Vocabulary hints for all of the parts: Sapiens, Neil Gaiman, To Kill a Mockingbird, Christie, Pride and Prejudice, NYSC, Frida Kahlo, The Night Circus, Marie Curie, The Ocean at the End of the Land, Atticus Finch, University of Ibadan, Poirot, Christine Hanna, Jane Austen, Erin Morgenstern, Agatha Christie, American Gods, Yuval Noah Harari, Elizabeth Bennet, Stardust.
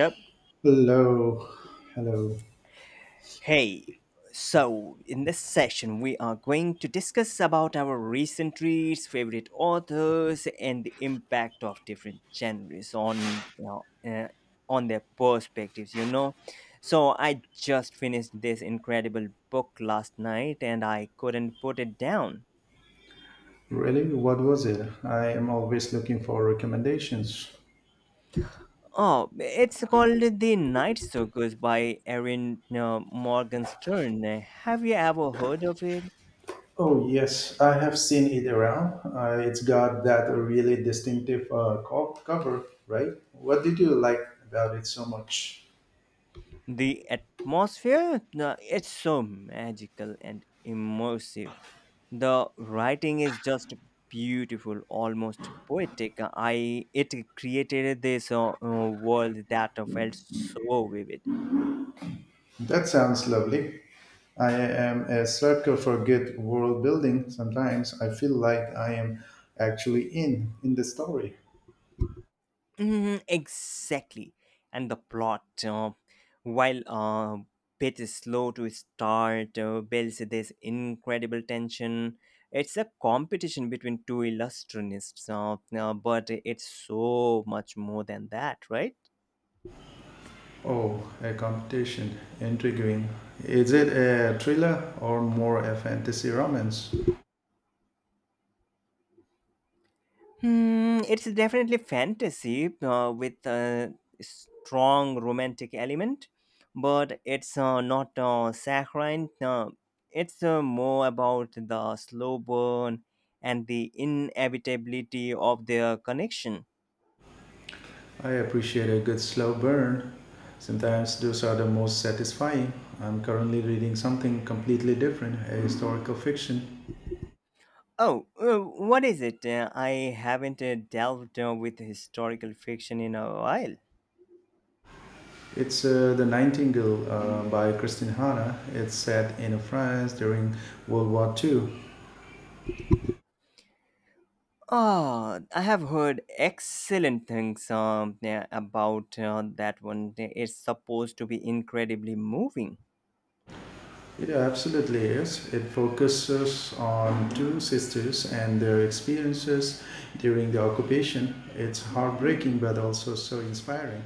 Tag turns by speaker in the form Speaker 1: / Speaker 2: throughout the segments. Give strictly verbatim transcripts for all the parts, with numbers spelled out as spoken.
Speaker 1: Yep.
Speaker 2: Hello, hello.
Speaker 1: Hey, so in this session we are going to discuss about our recent reads, favorite authors, and the impact of different genres on you know, uh, on their perspectives. You know, so I just finished this incredible book last night, and I couldn't put it down.
Speaker 2: Really? What was it? I am always looking for recommendations.
Speaker 1: Oh, it's called The Night Circus by Erin uh, Morgenstern. Have you ever heard of it?
Speaker 2: Oh, yes, I have seen it around. Uh, it's got that really distinctive uh, co- cover, right? What did you like about it so much?
Speaker 1: The atmosphere, no, it's so magical and immersive. The writing is just beautiful, almost poetic. I It created this uh, uh, world that felt so vivid.
Speaker 2: That sounds lovely. I am a sucker for good world building. Sometimes I feel like I am actually in in the story.
Speaker 1: Mhm, exactly. And the plot, uh, while uh, bit is slow to start, uh, builds this incredible tension. It's a competition between two illustrionists, uh, uh, but it's so much more than that, right?
Speaker 2: Oh, a competition. Intriguing. Is it a thriller or more a fantasy romance?
Speaker 1: Hmm, it's definitely fantasy uh, with a strong romantic element, but it's uh, not uh, saccharine. Uh, it's uh, more about the slow burn and the inevitability of their connection.
Speaker 2: I appreciate a good slow burn. Sometimes those are the most satisfying. I'm currently reading something completely different, a historical fiction.
Speaker 1: Oh, uh, what is it? Uh, I haven't uh, delved uh, with historical fiction in a while.
Speaker 2: It's uh, The Nightingale uh, by Christine Hanna. It's set in France during World War two.
Speaker 1: Oh, I have heard excellent things um, yeah, about uh, that one. It's supposed to be incredibly moving.
Speaker 2: It absolutely is. It focuses on two sisters and their experiences during the occupation. It's heartbreaking but also so inspiring.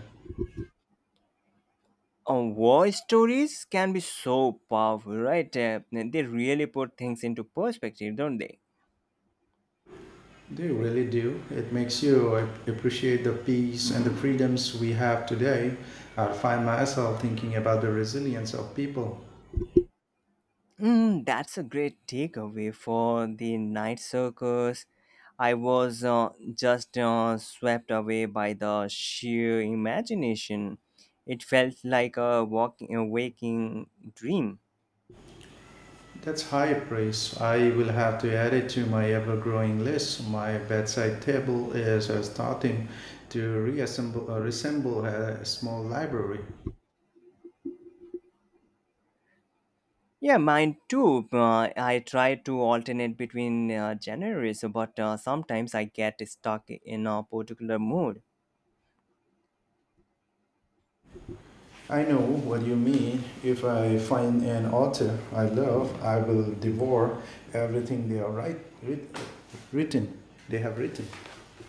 Speaker 1: Uh, war stories can be so powerful, right? Uh, they really put things into perspective, don't they?
Speaker 2: They really do. It makes you appreciate the peace and the freedoms we have today. I find myself thinking about the resilience of people.
Speaker 1: Mm, that's a great takeaway for the night circus. I was uh, just uh, swept away by the sheer imagination. It felt like a walking, a waking dream.
Speaker 2: That's high praise. I will have to add it to my ever growing list. My bedside table is uh, starting to reassemble, uh, resemble a small library.
Speaker 1: Yeah, mine too. Uh, I try to alternate between uh, genres, but uh, sometimes I get stuck in a particular mood.
Speaker 2: I know what you mean. If I find an author I love, I will devour everything they are write, writ, written. They have written.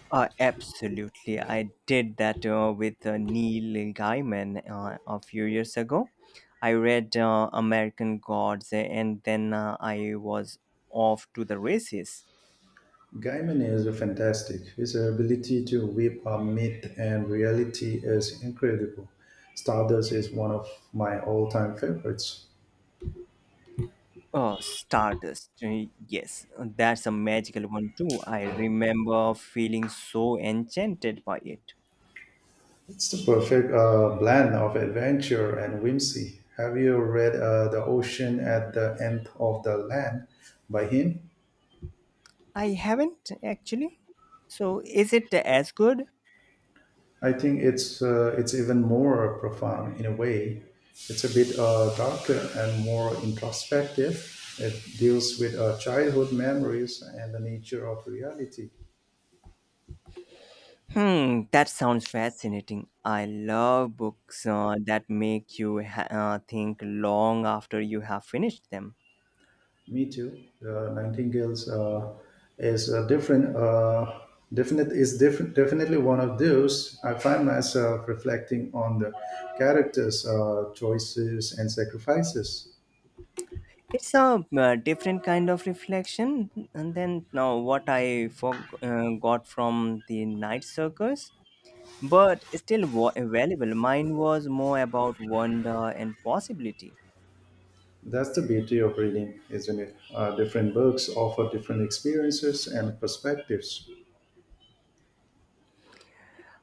Speaker 1: Uh, absolutely. I did that uh, with uh, Neil Gaiman uh, a few years ago. I read uh, American Gods and then uh, I was off to the races.
Speaker 2: Gaiman is fantastic. His ability to weave a myth and reality is incredible. Stardust is one of my all-time favorites.
Speaker 1: Oh, Stardust. Uh, Yes, that's a magical one too. I remember feeling so enchanted by it.
Speaker 2: It's the perfect uh, blend of adventure and whimsy. Have you read uh, The Ocean at the End of the Land by him?
Speaker 1: I haven't actually. So, is it as good?
Speaker 2: I think it's uh, it's even more profound in a way. It's a bit uh, darker and more introspective. It deals with uh, childhood memories and the nature of reality.
Speaker 1: Hmm, that sounds fascinating. I love books uh, that make you ha- uh, think long after you have finished them.
Speaker 2: Me too. Uh, Nightingales uh, is a different. Uh, Definite is different, definitely one of those. I find myself reflecting on the characters' uh, choices and sacrifices.
Speaker 1: It's a uh, different kind of reflection. And then, now what I for- uh, got from the night circus, but still wa- valuable. Mine was more about wonder and possibility.
Speaker 2: That's the beauty of reading, isn't it? Uh, different books offer different experiences and perspectives.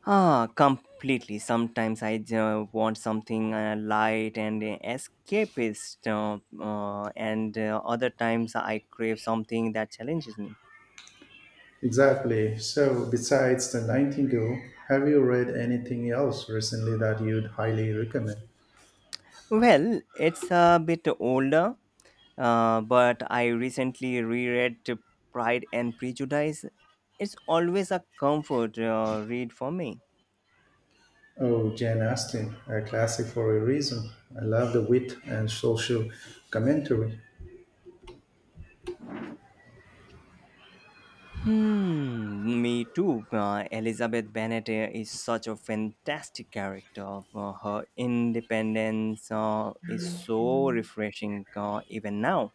Speaker 1: Ah, completely. Sometimes I uh, want something uh, light and uh, escapist, uh, uh, and uh, other times I crave something that challenges me.
Speaker 2: Exactly. So, besides The Nightingale, have you read anything else recently that you'd highly recommend?
Speaker 1: Well, it's a bit older, uh, but I recently reread Pride and Prejudice. It's always a comfort uh, read for me.
Speaker 2: Oh, Jane Austen, a classic for a reason. I love the wit and social commentary.
Speaker 1: Hmm, me too. Uh, Elizabeth Bennet uh, is such a fantastic character. Uh, her independence uh, is so refreshing uh, even now.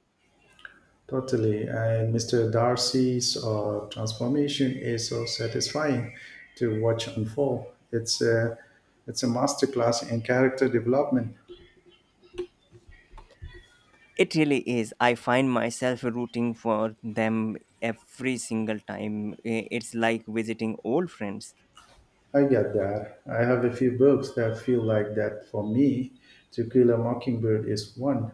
Speaker 2: Totally. And mister Darcy's uh, transformation is so satisfying to watch unfold. It's a, it's a masterclass in character development.
Speaker 1: It really is. I find myself rooting for them every single time. I- It's like visiting old friends.
Speaker 2: I get that. I have a few books that feel like that for me. To Kill a Mockingbird is one.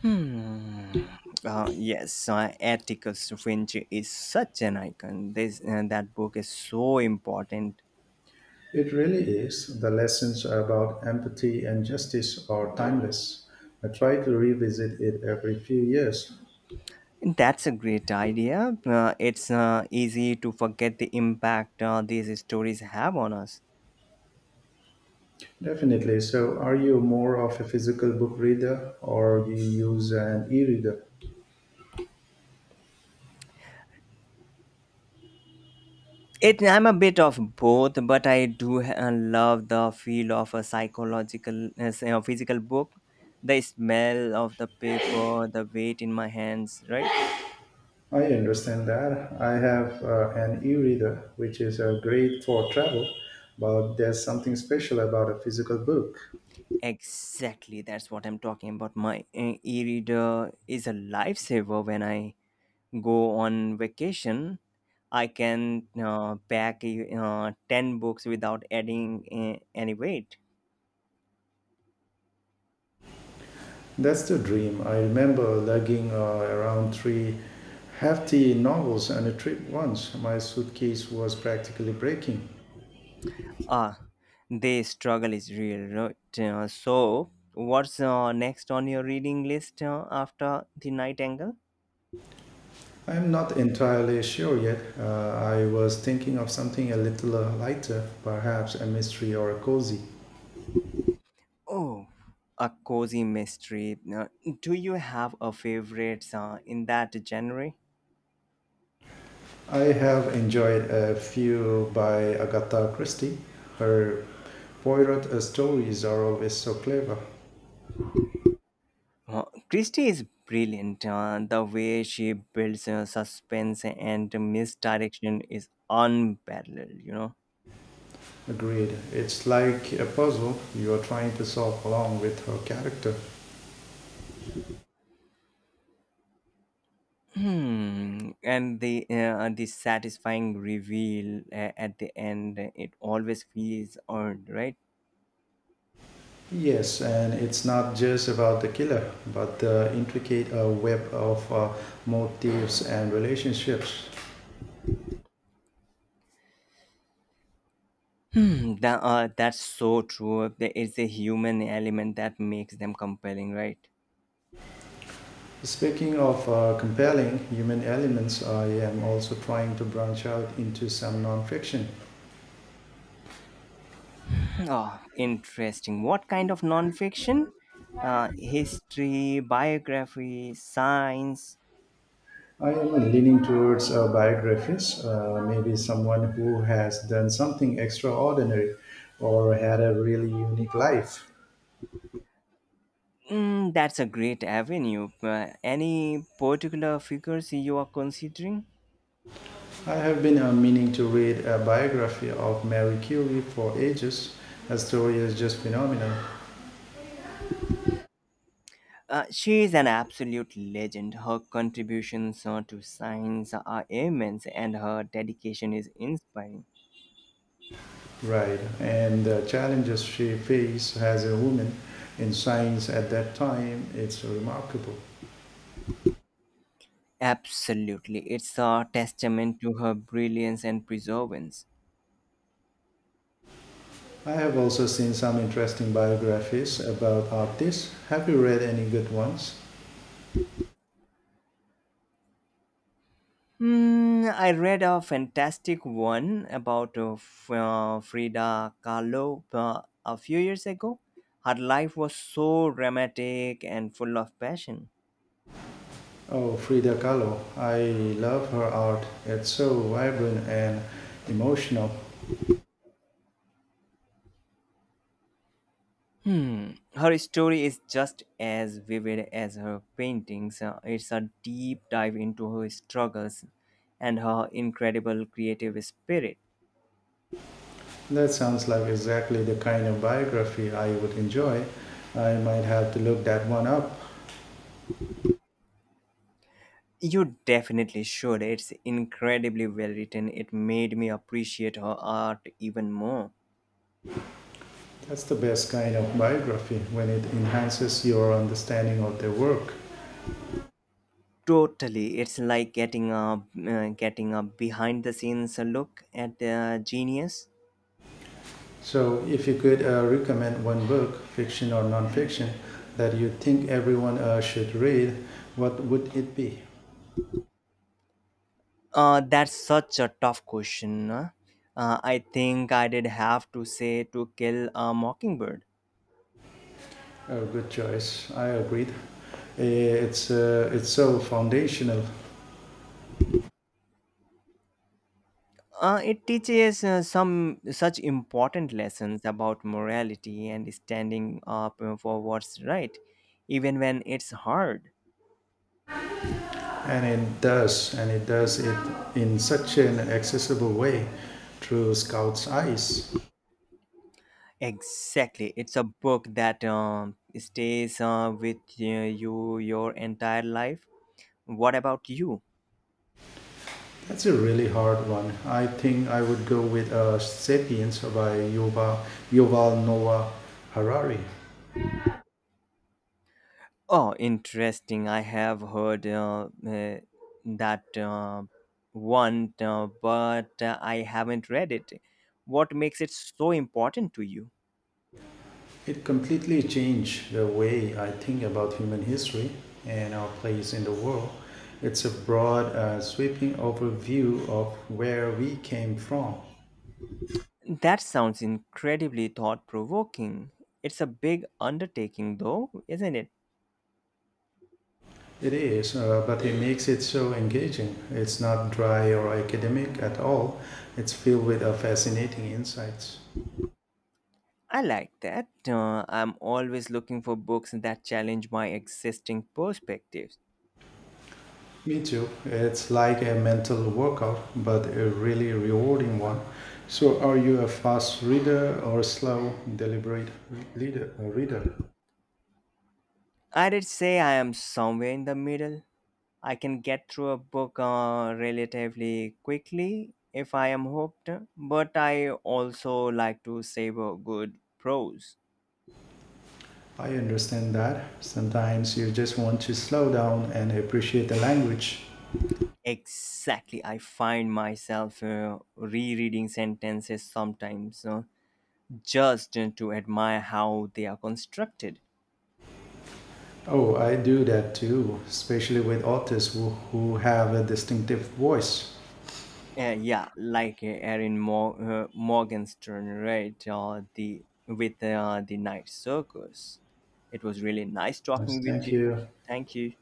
Speaker 1: Hmm. Uh, yes, uh, Atticus Finch is such an icon. This uh, That book is so important.
Speaker 2: It really is. The lessons about empathy and justice are timeless. I try to revisit it every few years.
Speaker 1: That's a great idea. Uh, it's uh, easy to forget the impact uh, these stories have on us.
Speaker 2: Definitely. So, are you more of a physical book reader or do you use an e reader?
Speaker 1: It, I'm a bit of both, but I do uh, love the feel of a psychological, uh, s- uh, physical book. The smell of the paper, the weight in my hands, right?
Speaker 2: I understand that. I have uh, an e reader, which is uh, great for travel, but there's something special about a physical book.
Speaker 1: Exactly, that's what I'm talking about. My uh, e reader is a lifesaver when I go on vacation. I can uh, pack uh, ten books without adding uh, any weight.
Speaker 2: That's the dream. I remember lugging uh, around three hefty novels on a trip once. My suitcase was practically breaking.
Speaker 1: Ah, the struggle is real, right? Uh, so, what's uh, next on your reading list uh, after The Night Angle?
Speaker 2: I'm not entirely sure yet. Uh, I was thinking of something a little uh, lighter, perhaps a mystery or a cozy.
Speaker 1: Oh, a cozy mystery. Uh, do you have a favorite uh, in that genre?
Speaker 2: I have enjoyed a few by Agatha Christie. Her Poirot uh, stories are always so clever.
Speaker 1: Uh, Christie is brilliant. Uh, the way she builds uh, suspense and misdirection is unparalleled, you know.
Speaker 2: Agreed. It's like a puzzle you are trying to solve along with her character.
Speaker 1: Hmm. And the uh, the satisfying reveal uh, at the end, it always feels earned, right?
Speaker 2: Yes, and it's not just about the killer, but the intricate uh, web of uh, motives and relationships.
Speaker 1: Hmm. That uh, that's so true. There is a human element that makes them compelling, right?
Speaker 2: Speaking of uh, compelling human elements, I am also trying to branch out into some nonfiction.
Speaker 1: Oh, interesting. What kind of nonfiction? Uh, history, biography, science.
Speaker 2: I am leaning towards uh, biographies, uh, maybe someone who has done something extraordinary or had a really unique life.
Speaker 1: Mm, that's a great avenue. Uh, any particular figures you are considering?
Speaker 2: I have been uh, meaning to read a biography of Mary Curie for ages. Her story is just phenomenal.
Speaker 1: Uh, she is an absolute legend. Her contributions uh, to science are immense, and her dedication is inspiring.
Speaker 2: Right, and the challenges she faced as a woman in science at that time, it's remarkable.
Speaker 1: Absolutely, it's a testament to her brilliance and perseverance.
Speaker 2: I have also seen some interesting biographies about artists. Have you read any good ones?
Speaker 1: Hmm, I read a fantastic one about uh, F- uh, Frida Kahlo uh, a few years ago. Her life was so dramatic and full of passion.
Speaker 2: Oh, Frida Kahlo. I love her art. It's so vibrant and emotional.
Speaker 1: Hmm. Her story is just as vivid as her paintings. Uh, It's a deep dive into her struggles and her incredible creative spirit.
Speaker 2: That sounds like exactly the kind of biography I would enjoy. I might have to look that one up.
Speaker 1: You definitely should. It's incredibly well written. It made me appreciate her art even more.
Speaker 2: That's the best kind of biography when it enhances your understanding of their work.
Speaker 1: Totally, it's like getting a uh, getting a behind the scenes look at the genius.
Speaker 2: So if you could uh, recommend one book, fiction or non-fiction, that you think everyone uh, should read, what would it be?
Speaker 1: Uh, that's such a tough question. Huh? Uh, I think I did have to say to kill a mockingbird.
Speaker 2: A good choice. I agreed. Eh, It's uh, it's so foundational,
Speaker 1: Uh, it teaches uh, some such important lessons about morality and standing up uh, for what's right, even when it's hard.
Speaker 2: and it does, and it does it in such an accessible way through Scout's eyes.
Speaker 1: Exactly. It's a book that um, stays uh, with uh, you your entire life. What about you?
Speaker 2: That's a really hard one. I think I would go with uh, *Sapiens* by Yuval, Yuval Noah Harari.
Speaker 1: Oh, interesting. I have heard uh, uh, that uh, one, uh, but uh, I haven't read it. What makes it so important to you?
Speaker 2: It completely changed the way I think about human history and our place in the world. It's a broad, uh, sweeping overview of where we came from.
Speaker 1: That sounds incredibly thought provoking. It's a big undertaking, though, isn't it?
Speaker 2: It is, uh, but it makes it so engaging. It's not dry or academic at all. It's filled with uh, fascinating insights.
Speaker 1: I like that. Uh, I'm always looking for books that challenge my existing perspectives.
Speaker 2: Me too. It's like a mental workout, but a really rewarding one. So, are you a fast reader or slow, deliberate reader? reader?
Speaker 1: I'd say I am somewhere in the middle. I can get through a book uh, relatively quickly if I am hooked, but I also like to savor good prose.
Speaker 2: I understand that. Sometimes you just want to slow down and appreciate the language.
Speaker 1: Exactly, I find myself uh, rereading sentences sometimes uh, just to admire how they are constructed.
Speaker 2: Oh, I do that too, especially with artists who, who have a distinctive voice.
Speaker 1: Uh, yeah, like uh, Erin Mor- uh, Morgenstern, right? Uh, the with uh, the night circus. It was really nice
Speaker 2: Nice,
Speaker 1: talking with
Speaker 2: thank
Speaker 1: you.
Speaker 2: you.
Speaker 1: Thank you.